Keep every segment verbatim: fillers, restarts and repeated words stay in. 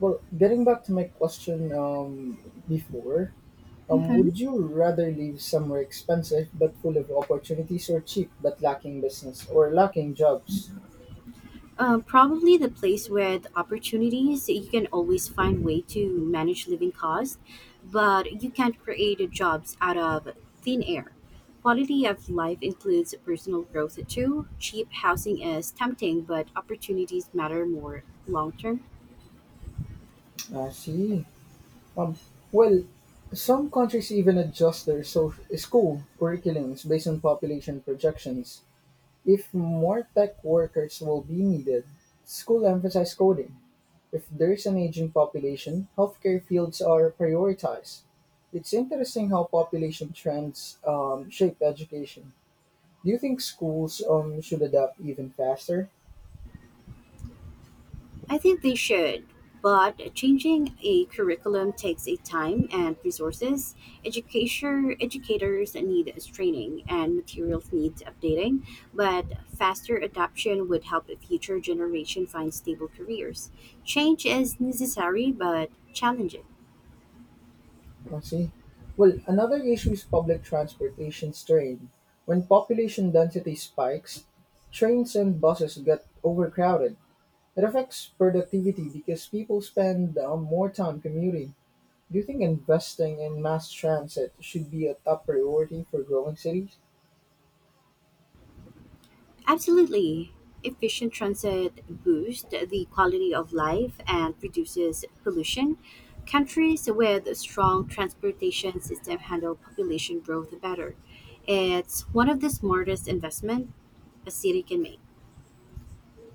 Well, getting back to my question um, before, um, Mhm. would you rather live somewhere expensive but full of opportunities, or cheap but lacking business or lacking jobs? Uh, probably the place where the opportunities you can always find way to manage living costs, but you can't create jobs out of thin air. Quality of life includes personal growth too. Cheap housing is tempting, but opportunities matter more long term. I see. Um, well, some countries even adjust their so- school curriculums based on population projections. If more tech workers will be needed, school emphasize coding, if there's an aging population, healthcare fields are prioritized. It's interesting how population trends um, shape education. Do you think schools um, should adapt even faster? I think they should, but changing a curriculum takes a time and resources. Educator, educators need training and materials need updating, but faster adoption would help a future generation find stable careers. Change is necessary but challenging. I see. Well, another issue is public transportation strain. When population density spikes, trains and buses get overcrowded. It affects productivity because people spend um, more time commuting. Do you think investing in mass transit should be a top priority for growing cities? Absolutely. Efficient transit boosts the quality of life and reduces pollution. Countries with strong transportation system handle population growth better. It's one of the smartest investment a city can make.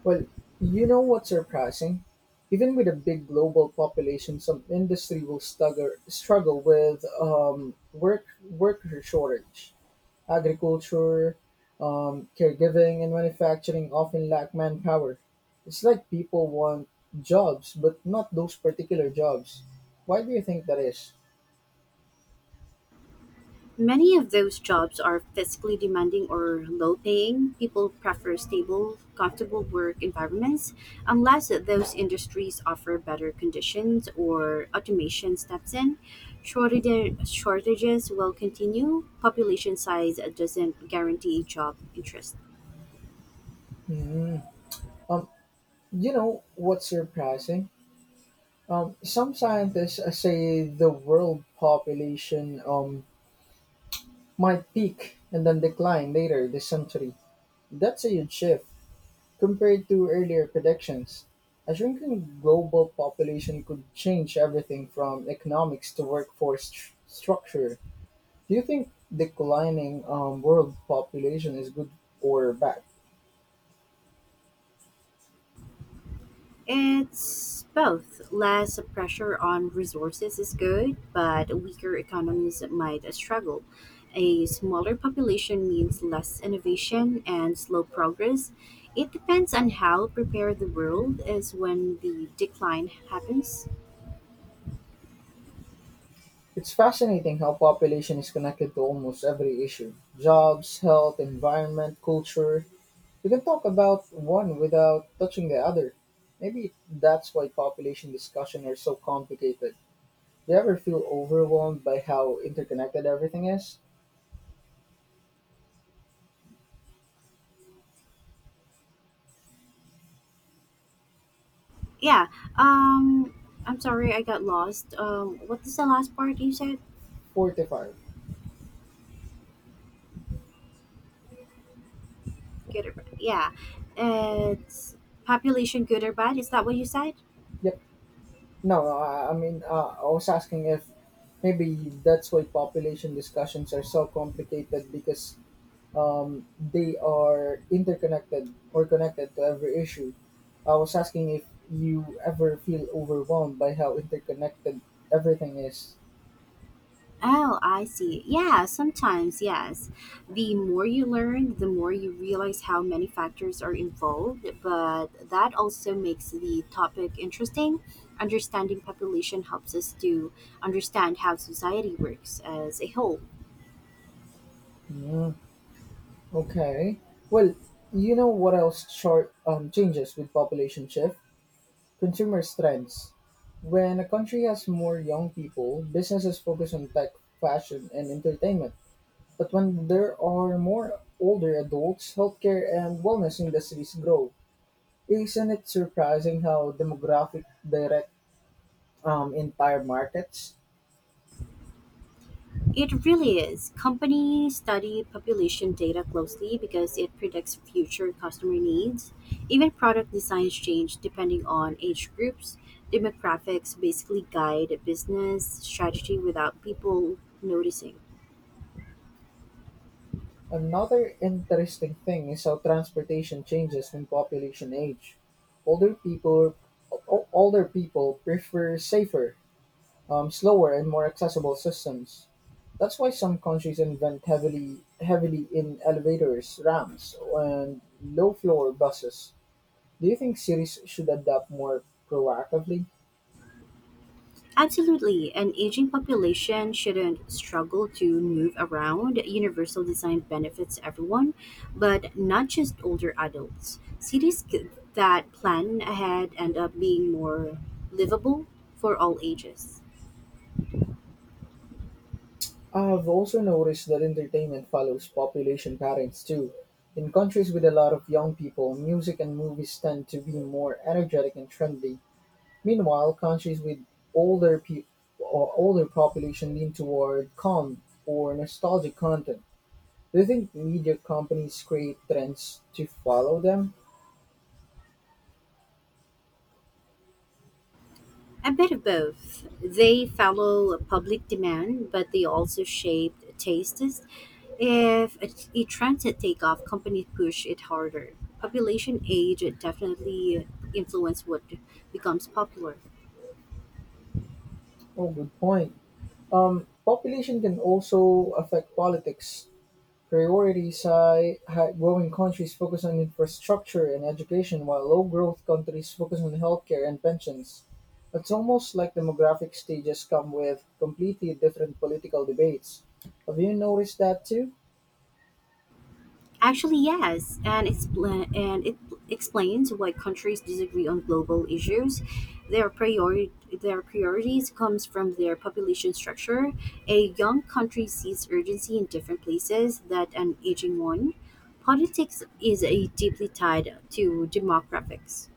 Well, you know what's surprising? Even with a big global population, some industry will stugger, struggle with um, work worker shortage. Agriculture, um, caregiving, and manufacturing often lack manpower. It's like people want jobs, but not those particular jobs. Why do you think that is? Many of those jobs are physically demanding or low paying. People prefer stable, comfortable work environments unless those industries offer better conditions or automation steps in. Shortage, shortages will continue. Population size doesn't guarantee job interest. Hmm. Um, you know what's surprising? Um, some scientists uh, say the world population um, might peak and then decline later this century. That's a huge shift compared to earlier predictions. A shrinking global population could change everything from economics to workforce st- structure. Do you think declining um, world population is good or bad? It's both. Less pressure on resources is good, but weaker economies might struggle. A smaller population means less innovation and slow progress. It depends on how prepared the world is when the decline happens. It's fascinating how population is connected to almost every issue: jobs, health, environment, culture. You can talk about one without touching the other. Maybe that's why population discussions are so complicated. Do you ever feel overwhelmed by how interconnected everything is? Yeah. Um I'm sorry I got lost. Um what is the last part you said? forty-five. Good or bad. Yeah. It's population good or bad? Is that what you said? Yep. No, I, I mean, uh, I was asking if maybe that's why population discussions are so complicated because um, they are interconnected or connected to every issue. I was asking if you ever feel overwhelmed by how interconnected everything is. Oh, I see. Yeah, sometimes, yes. The more you learn, the more you realize how many factors are involved, but that also makes the topic interesting. Understanding population helps us to understand how society works as a whole. Mm. Okay. Well, you know what else short um, changes with population shift? Consumer trends. When a country has more young people, businesses focus on tech, fashion, and entertainment. But when there are more older adults, healthcare and wellness industries grow. Isn't it surprising how demographic direct um, entire markets? It really is. Companies study population data closely because it predicts future customer needs. Even product designs change depending on age groups. Demographics basically guide business strategy without people noticing. Another interesting thing is how transportation changes with population age. Older people, o- older people prefer safer, um, slower, and more accessible systems. That's why some countries invent heavily, heavily in elevators, ramps, and low-floor buses. Do you think cities should adapt more proactively? Absolutely, an aging population shouldn't struggle to move around. Universal design benefits everyone, but not just older adults. Cities c- that plan ahead end up being more livable for all ages. I've also noticed that entertainment follows population patterns too. In countries with a lot of young people, music and movies tend to be more energetic and trendy. Meanwhile, countries with older people or older population lean toward calm or nostalgic content. Do you think media companies create trends to follow them? A bit of both. They follow public demand, but they also shape tastes. If a, A trend to take off, companies push it harder. Population age definitely influence what becomes popular. Oh, good point. Um, population can also affect politics. Priorities high high growing countries focus on infrastructure and education while low-growth countries focus on healthcare and pensions. It's almost like demographic stages come with completely different political debates. Have you noticed that too? Actually, yes, and it's pla- and it explains why countries disagree on global issues. Their priori- their priorities comes from their population structure. A young country sees urgency in different places that an aging one. Politics is a deeply tied to demographics.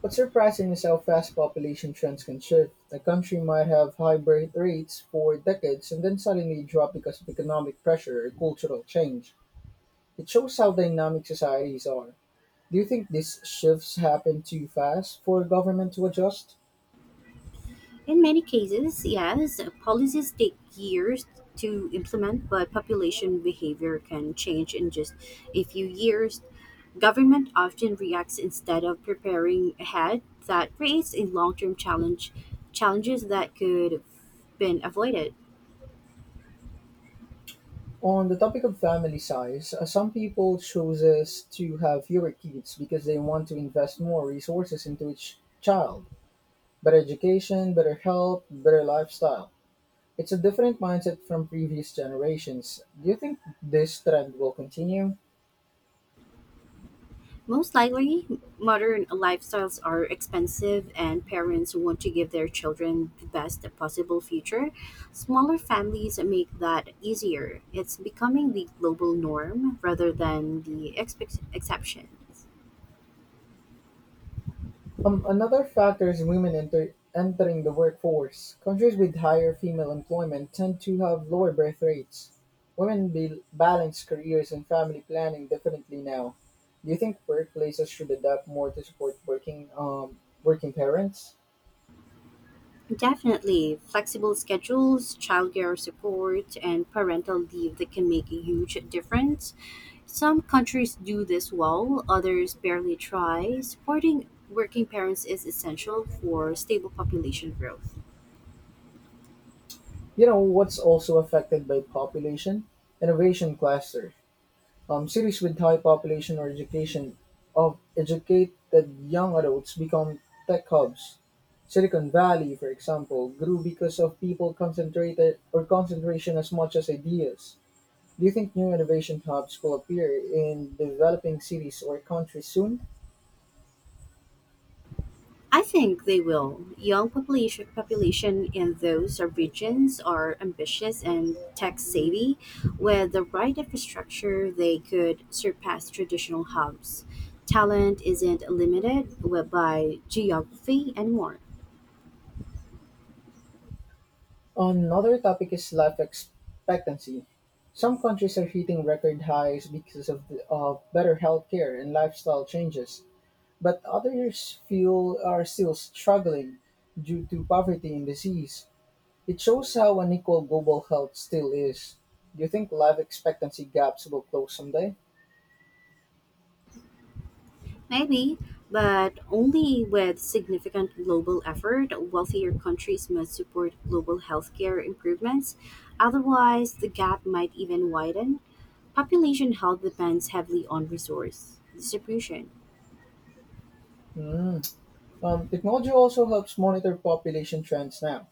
What's surprising is how fast population trends can shift. A country might have high birth rates for decades and then suddenly drop because of economic pressure or cultural change. It shows how dynamic societies are. Do you think these shifts happen too fast for government to adjust? In many cases, yes, policies take years to implement, but population behavior can change in just a few years. Government often reacts instead of preparing ahead. That creates a long-term challenge, challenges that could have been avoided. On the topic of family size, uh, some people chooses to have fewer kids because they want to invest more resources into each child. Better education, better health, better lifestyle. It's a different mindset from previous generations. Do you think this trend will continue? Most likely, modern lifestyles are expensive, and parents want to give their children the best possible future. Smaller families make that easier. It's becoming the global norm rather than the expe- exceptions. Um, Another factor is women enter entering the workforce. Countries with higher female employment tend to have lower birth rates. Women be- balance careers and family planning differently now. Do you think workplaces should adapt more to support working um, working parents? Definitely, flexible schedules, childcare support, and parental leave that can make a huge difference. Some countries do this well, others barely try. Supporting working parents is essential for stable population growth. You know what's also affected by population, innovation clusters. Um, Cities with high population or education of educated young adults become tech hubs. Silicon Valley, for example, grew because of people concentrated or concentration as much as ideas. Do you think new innovation hubs will appear in developing cities or countries soon? I think they will. Young population population in those regions are ambitious and tech savvy. With the right infrastructure, they could surpass traditional hubs. Talent isn't limited by geography anymore. Another topic is life expectancy. Some countries are hitting record highs because of, the, of better healthcare and lifestyle changes. But others feel are still struggling due to poverty and disease. It shows how unequal global health still is. Do you think life expectancy gaps will close someday? Maybe, but only with significant global effort. Wealthier countries must support global healthcare improvements, otherwise, the gap might even widen. Population health depends heavily on resource distribution. Hmm. Um, technology also helps monitor population trends now.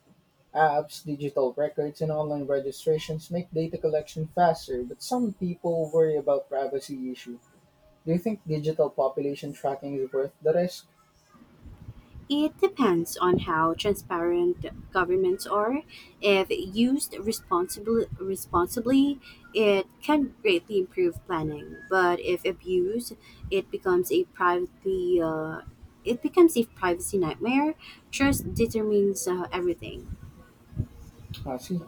Apps, digital records, and online registrations make data collection faster, but some people worry about privacy issue. Do you think digital population tracking is worth the risk? It depends on how transparent governments are. If used responsibly, responsibly, it can greatly improve planning. But if abused, it becomes a privately uh, it becomes a privacy nightmare. Trust determines uh, everything. I see.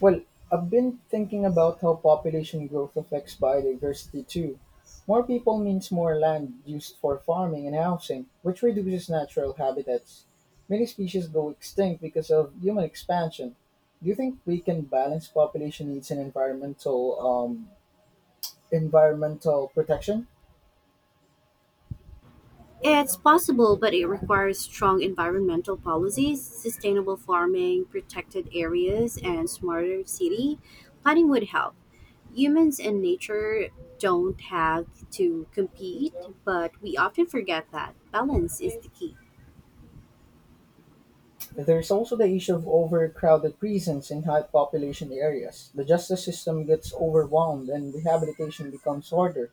Well, I've been thinking about how population growth affects biodiversity too. More people means more land used for farming and housing, which reduces natural habitats. Many species go extinct because of human expansion. Do you think we can balance population needs and environmental um, environmental protection? It's possible, but it requires strong environmental policies, sustainable farming, protected areas, and smarter city planning would help. Humans and nature don't have to compete, but we often forget that balance is the key. There's also the issue of overcrowded prisons in high population areas. The justice system gets overwhelmed and rehabilitation becomes harder.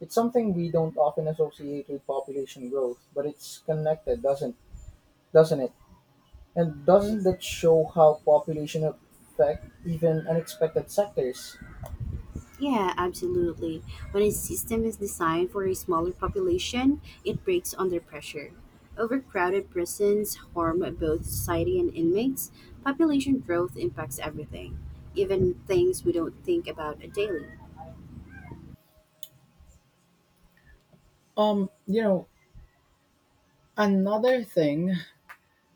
It's something we don't often associate with population growth, but it's connected, doesn't doesn't it? And doesn't that show how population affect even unexpected sectors? Yeah, absolutely. When a system is designed for a smaller population, it breaks under pressure. Overcrowded prisons harm both society and inmates. Population growth impacts everything, even things we don't think about daily. Um, you know, another thing,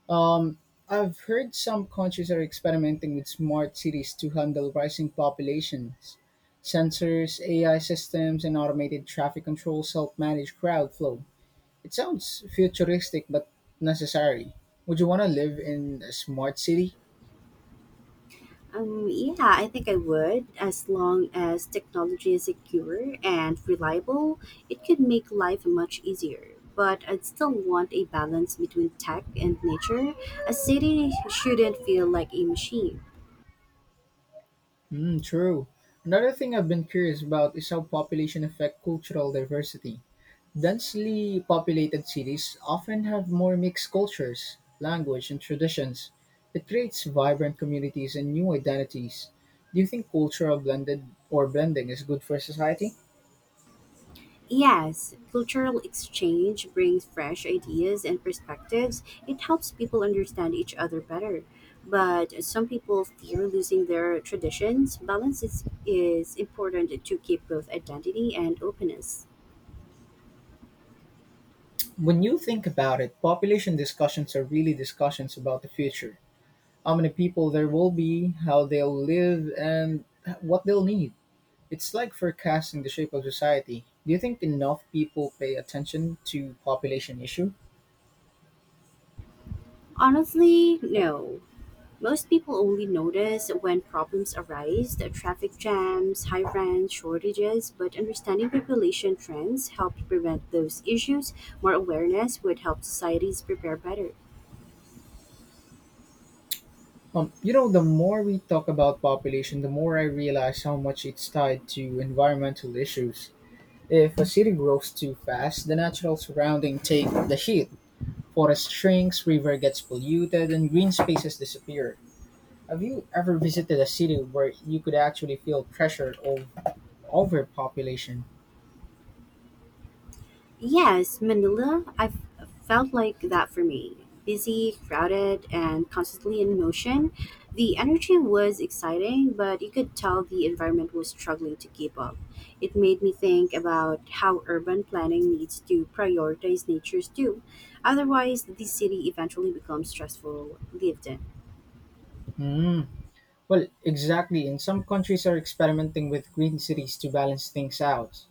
um, I've heard some countries are experimenting with smart cities to handle rising populations. Sensors, A I systems, and automated traffic control self manage crowd flow. It sounds futuristic but necessary. Would you want to live in a smart city? Um, yeah, I think I would. As long as technology is secure and reliable, it could make life much easier. But I'd still want a balance between tech and nature. A city shouldn't feel like a machine. Mm, true. Another thing I've been curious about is how population affect cultural diversity. Densely populated cities often have more mixed cultures, language, and traditions. It creates vibrant communities and new identities. Do you think cultural blended or blending is good for society? Yes, cultural exchange brings fresh ideas and perspectives. It helps people understand each other better. But some people fear losing their traditions. Balance is, is important to keep both identity and openness. When you think about it, population discussions are really discussions about the future. How many people there will be, how they'll live, and what they'll need. It's like forecasting the shape of society. Do you think enough people pay attention to population issue? Honestly, no. Most people only notice when problems arise, the traffic jams, high rents, shortages, but understanding population trends helps prevent those issues. More awareness would help societies prepare better. Um, you know, the more we talk about population, the more I realize how much it's tied to environmental issues. If a city grows too fast, the natural surrounding take the heat. Forest shrinks, river gets polluted, and green spaces disappear. Have you ever visited a city where you could actually feel pressure of overpopulation? Yes, Manila, I've felt like that for me. Busy, crowded, and constantly in motion. The energy was exciting, but you could tell the environment was struggling to keep up. It made me think about how urban planning needs to prioritize natures too. Otherwise, the city eventually becomes stressful lived in. Hmm. Well, exactly. And some countries are experimenting with green cities to balance things out.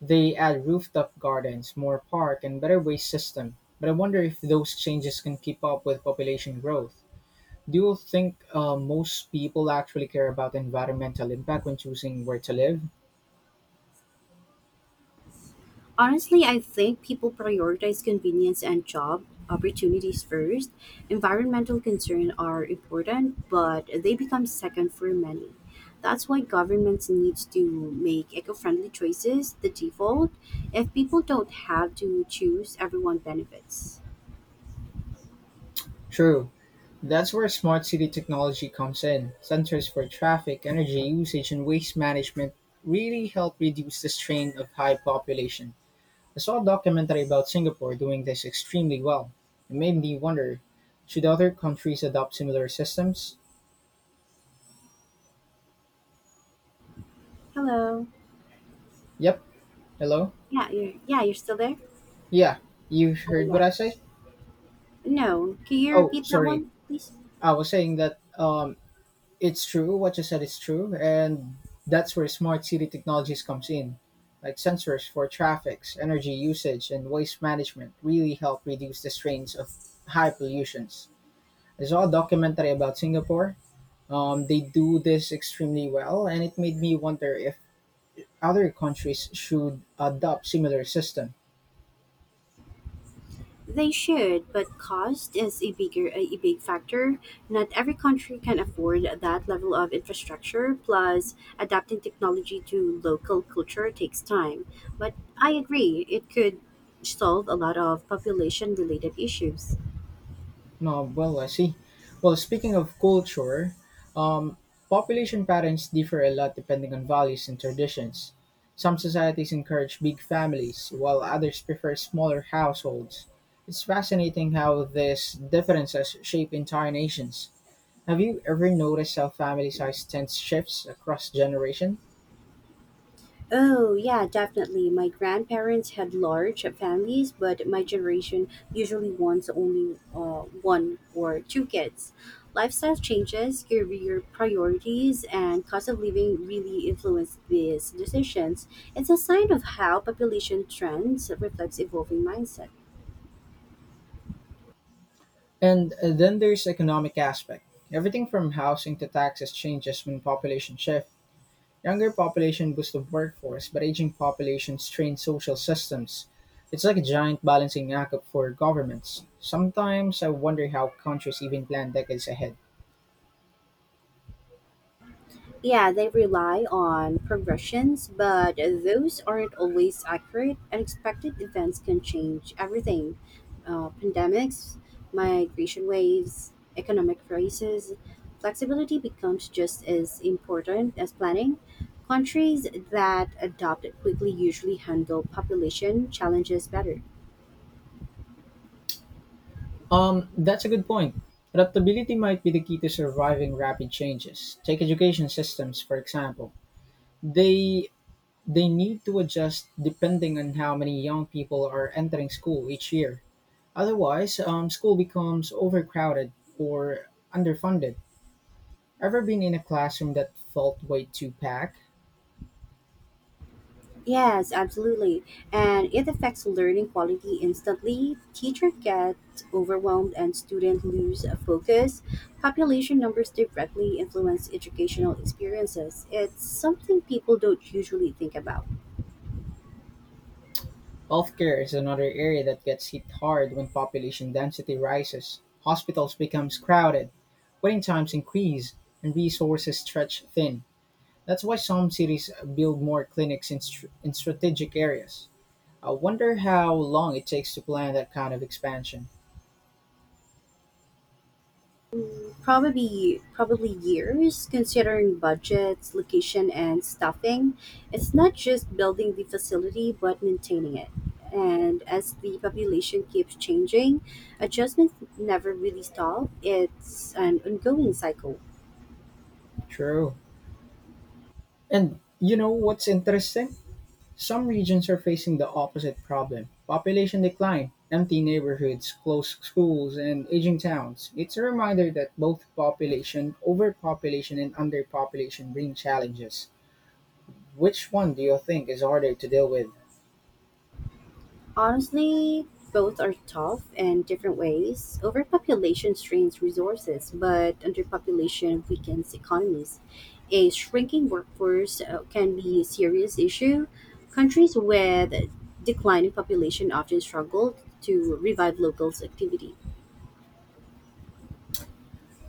They add rooftop gardens, more park, and better waste system. But I wonder if those changes can keep up with population growth. Do you think uh, most people actually care about environmental impact when choosing where to live? Honestly, I think people prioritize convenience and job opportunities first. Environmental concerns are important, but they become second for many. That's why governments need to make eco friendly choices the default. If people don't have to choose, everyone benefits. True. That's where smart city technology comes in. Sensors for traffic, energy usage, and waste management really help reduce the strain of high population. I saw a documentary about Singapore doing this extremely well. It made me wonder, should other countries adopt similar systems? Hello. Yep. Hello? Yeah, you're, yeah, you're still there? Yeah. You Oh, heard what yeah. I said? No. Can you Oh, repeat that sorry. one, please? I was saying that um, it's true. What you said is true. And that's where smart city technologies comes in. Like sensors for traffics, energy usage, and waste management really help reduce the strains of high pollutions. I saw a documentary about Singapore. Um, they do this extremely well, and it made me wonder if other countries should adopt similar system. They should, but cost is a bigger a big factor. Not every country can afford that level of infrastructure. Plus, adapting technology to local culture takes time. But I agree, it could solve a lot of population related issues. No, well, I see. Well, speaking of culture, um, population patterns differ a lot depending on values and traditions. Some societies encourage big families, while others prefer smaller households. It's fascinating how these differences shape entire nations. Have you ever noticed how family size tends shifts across generations? Oh, yeah, definitely. My grandparents had large families, but my generation usually wants only uh, one or two kids. Lifestyle changes, career priorities, and cost of living really influence these decisions. It's a sign of how population trends reflects evolving mindset. And uh, then there's economic aspect. Everything from housing to taxes changes when population shift. Younger population boosts the workforce, but aging population strains social systems. It's like a giant balancing act for governments. Sometimes I wonder how countries even plan decades ahead. Yeah, they rely on progressions, but those aren't always accurate. Unexpected events can change everything uh, pandemics, migration waves, economic crises. Flexibility becomes just as important as planning. Countries that adopt it quickly usually handle population challenges better. Um, that's a good point. Adaptability might be the key to surviving rapid changes. Take education systems, for example. They they need to adjust depending on how many young people are entering school each year. Otherwise, um, school becomes overcrowded or underfunded. Ever been in a classroom that felt way too packed? Yes, absolutely. And it affects learning quality instantly. Teacher get overwhelmed and student lose focus. Population numbers directly influence educational experiences. It's something people don't usually think about. Healthcare is another area that gets hit hard when population density rises. Hospitals become crowded, waiting times increase, and resources stretch thin. That's why some cities build more clinics in, str- in strategic areas. I wonder how long it takes to plan that kind of expansion. probably probably years considering budgets location and staffing. It's not just building the facility but maintaining it, and as the population keeps changing adjustments never really stop. It's an ongoing cycle. True. And you know what's interesting? Some regions are facing the opposite problem: population decline, empty neighborhoods, closed schools, and aging towns. It's a reminder that both population, overpopulation, and underpopulation bring challenges. Which one do you think is harder to deal with? Honestly, both are tough in different ways. Overpopulation strains resources, but underpopulation weakens economies. A shrinking workforce uh, can be a serious issue. Countries with declining population often struggle to revive local activity.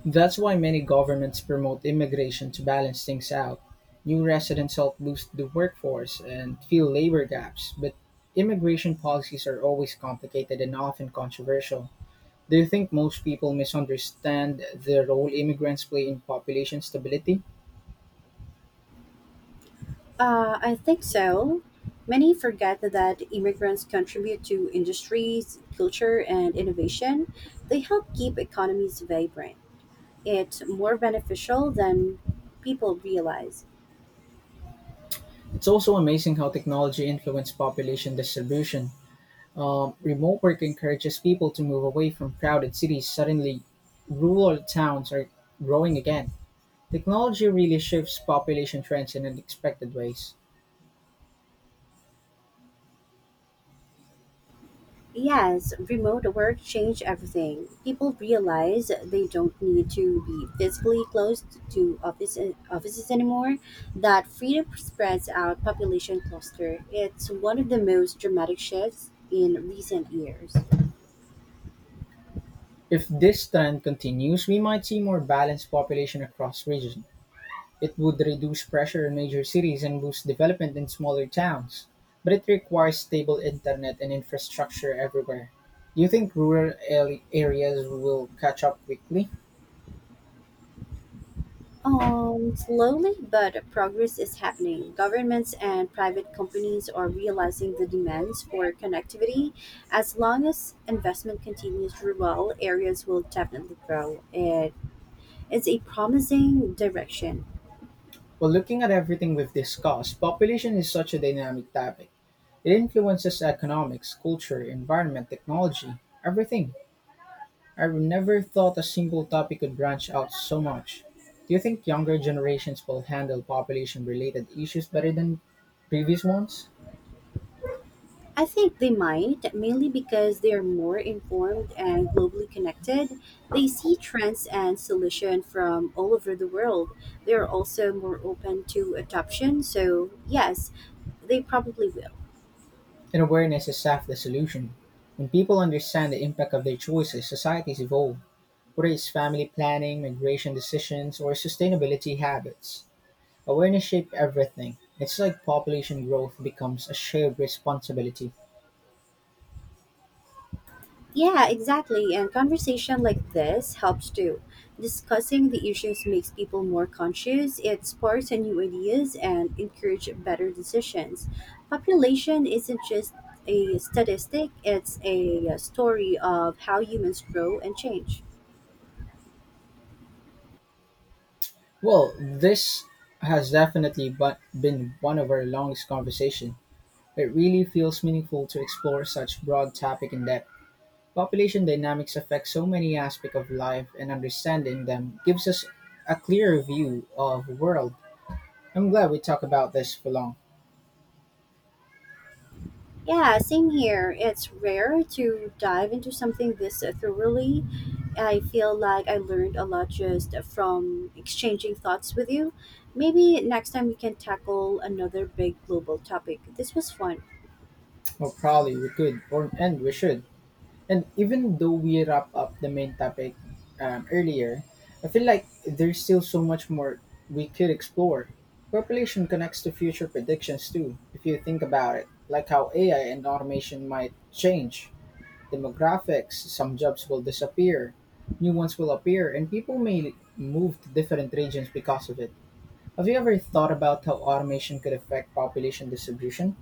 That's why many governments promote immigration to balance things out. New residents help boost the workforce and fill labor gaps, but immigration policies are always complicated and often controversial. Do you think most people misunderstand the role immigrants play in population stability? Uh, I think so. Many forget that immigrants contribute to industries, culture, and innovation. They help keep economies vibrant. It's more beneficial than people realize. It's also amazing how technology influences population distribution. Um, remote work encourages people to move away from crowded cities. Suddenly, rural towns are growing again. Technology really shifts population trends in unexpected ways. Yes, remote work changed everything. People realize they don't need to be physically close to office, offices anymore. That freedom spreads out population cluster. It's one of the most dramatic shifts in recent years. If this trend continues, we might see more balanced population across regions. It would reduce pressure in major cities and boost development in smaller towns, but it requires stable internet and infrastructure everywhere. Do you think rural al- areas will catch up quickly? Um, slowly, but progress is happening. Governments and private companies are realizing the demands for connectivity. As long as investment continues, rural areas will definitely grow. It is a promising direction. Well, looking at everything we've discussed, population is such a dynamic topic. It influences economics, culture, environment, technology, everything. I've never thought a single topic could branch out so much. Do you think younger generations will handle population related issues better than previous ones? I think they might, mainly because they are more informed and globally connected. They see trends and solutions from all over the world. They are also more open to adoption. So, yes, they probably will. And awareness is half the solution. When people understand the impact of their choices, societies evolve, whether it's family planning, migration decisions, or sustainability habits. Awareness shapes everything. It's like population growth becomes a shared responsibility. Yeah, exactly. And conversation like this helps too. Discussing the issues makes people more conscious, it sparks new ideas, and encourages better decisions. Population isn't just a statistic, it's a story of how humans grow and change. Well, this has definitely bu- been one of our longest conversation. It really feels meaningful to explore such broad topic in depth. Population dynamics affect so many aspects of life and understanding them gives us a clearer view of the world. I'm glad we talked about this for long. Yeah, same here. It's rare to dive into something this thoroughly. I feel like I learned a lot just from exchanging thoughts with you. Maybe next time we can tackle another big global topic. This was fun. Well, probably we could, or and we should. And even though we wrap up the main topic um, earlier, I feel like there's still so much more we could explore. Population connects to future predictions too, if you think about it, like how A I and automation might change demographics. Some jobs will disappear, new ones will appear, and people may move to different regions because of it. Have you ever thought about how automation could affect population distribution?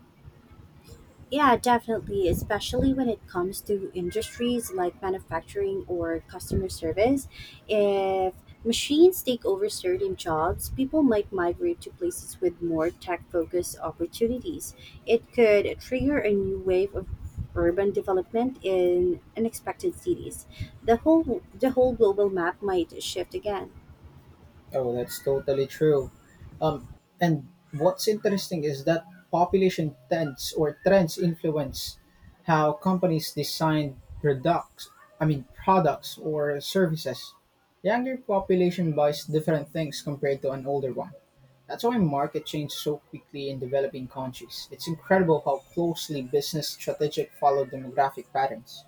Yeah, definitely, especially when it comes to industries like manufacturing or customer service. If machines take over certain jobs, people might migrate to places with more tech focused opportunities. It could trigger a new wave of urban development in unexpected cities. The whole the whole global map might shift again. Oh, that's totally true. Um, and what's interesting is that population trends or trends influence how companies design products. I mean, products or services. Younger population buys different things compared to an older one. That's why market change so quickly in developing countries. It's incredible how closely business strategic follow demographic patterns.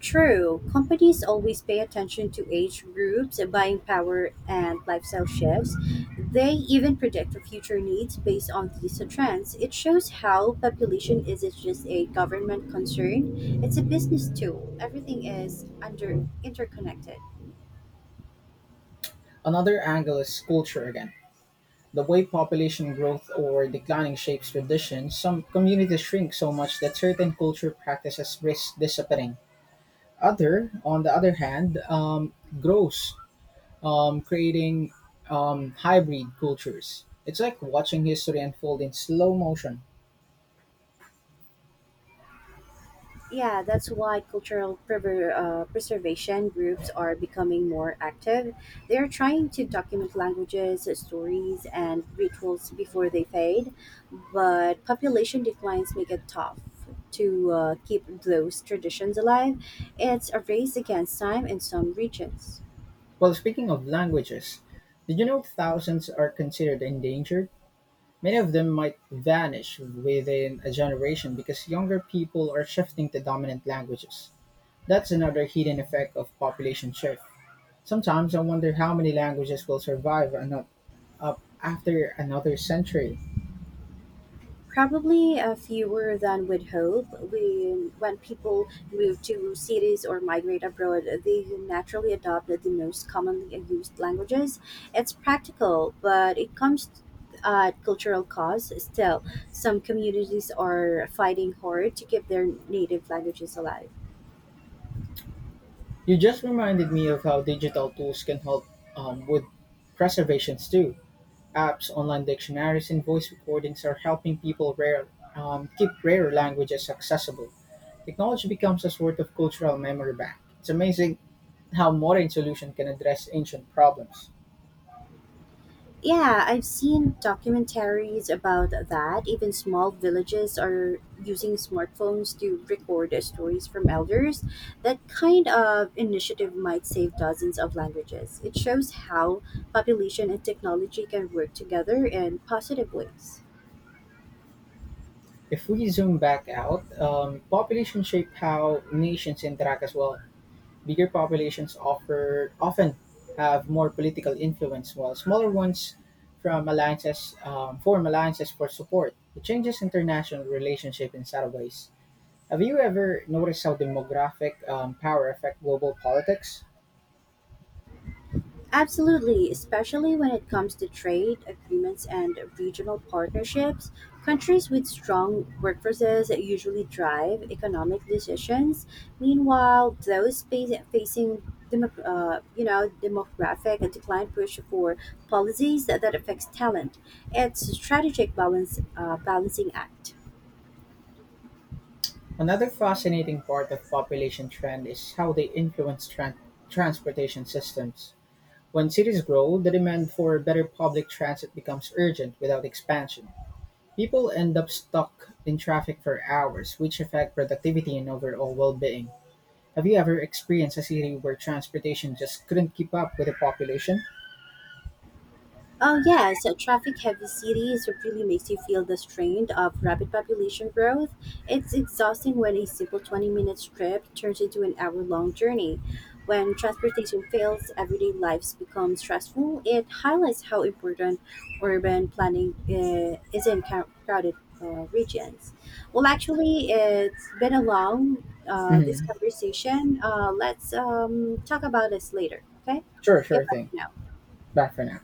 True, companies always pay attention to age groups, buying power, and lifestyle shifts. They even predict the future needs based on these trends. It shows how population isn't just a government concern, it's a business tool. Everything is under interconnected. Another angle is culture again. The way population growth or declining shapes traditions, some communities shrink so much that certain culture practices risk disappearing. Other, on the other hand, um, grows, um, creating um, hybrid cultures. It's like watching history unfold in slow motion. Yeah, that's why cultural prever- uh, preservation groups are becoming more active. They're trying to document languages, stories, and rituals before they fade, but population declines make it tough to uh, keep those traditions alive. It's a race against time in some regions. Well, speaking of languages, did you know thousands are considered endangered? Many of them might vanish within a generation because younger people are shifting to dominant languages. That's another hidden effect of population shift. Sometimes I wonder how many languages will survive ano- up after another century. Probably uh, fewer than we'd hope. When, when people move to cities or migrate abroad, they naturally adopt the most commonly used languages. It's practical, but it comes at cultural cost. Still, some communities are fighting hard to keep their native languages alive. You just reminded me of how digital tools can help um, with preservations too. Apps, online dictionaries, and voice recordings are helping people rare, um, keep rare languages accessible. Technology becomes a sort of cultural memory bank. It's amazing how modern solutions can address ancient problems. Yeah, I've seen documentaries about that. Even small villages are using smartphones to record stories from elders. That kind of initiative might save dozens of languages. It shows how population and technology can work together in positive ways. If we zoom back out, um, population shape how nations interact as well. Bigger populations offer often have more political influence, while smaller ones from alliances um, form alliances for support. It changes international relationship in subtle ways. Have you ever noticed how demographic um, power affect global politics? Absolutely, especially when it comes to trade agreements and regional partnerships. Countries with strong workforces usually drive economic decisions. Meanwhile, those fa- facing democ- uh, you know demographic decline push for policies that, that affects talent. It's a strategic balance uh, balancing act. Another fascinating part of population trend is how they influence tran transportation systems. When cities grow, the demand for better public transit becomes urgent without expansion. People end up stuck in traffic for hours, which affect productivity and overall well-being. Have you ever experienced a city where transportation just couldn't keep up with the population? Oh yes, uh, traffic-heavy cities really makes you feel the strain of rapid population growth. It's exhausting when a simple twenty-minute trip turns into an hour-long journey. When transportation fails, everyday lives become stressful. It highlights how important urban planning uh, is in cou- crowded uh, regions. Well, actually, it's been a long uh, this Hmm. conversation. Uh, let's um, talk about this later. Okay, Sure, sure goodbye thing. for now. Bye for now.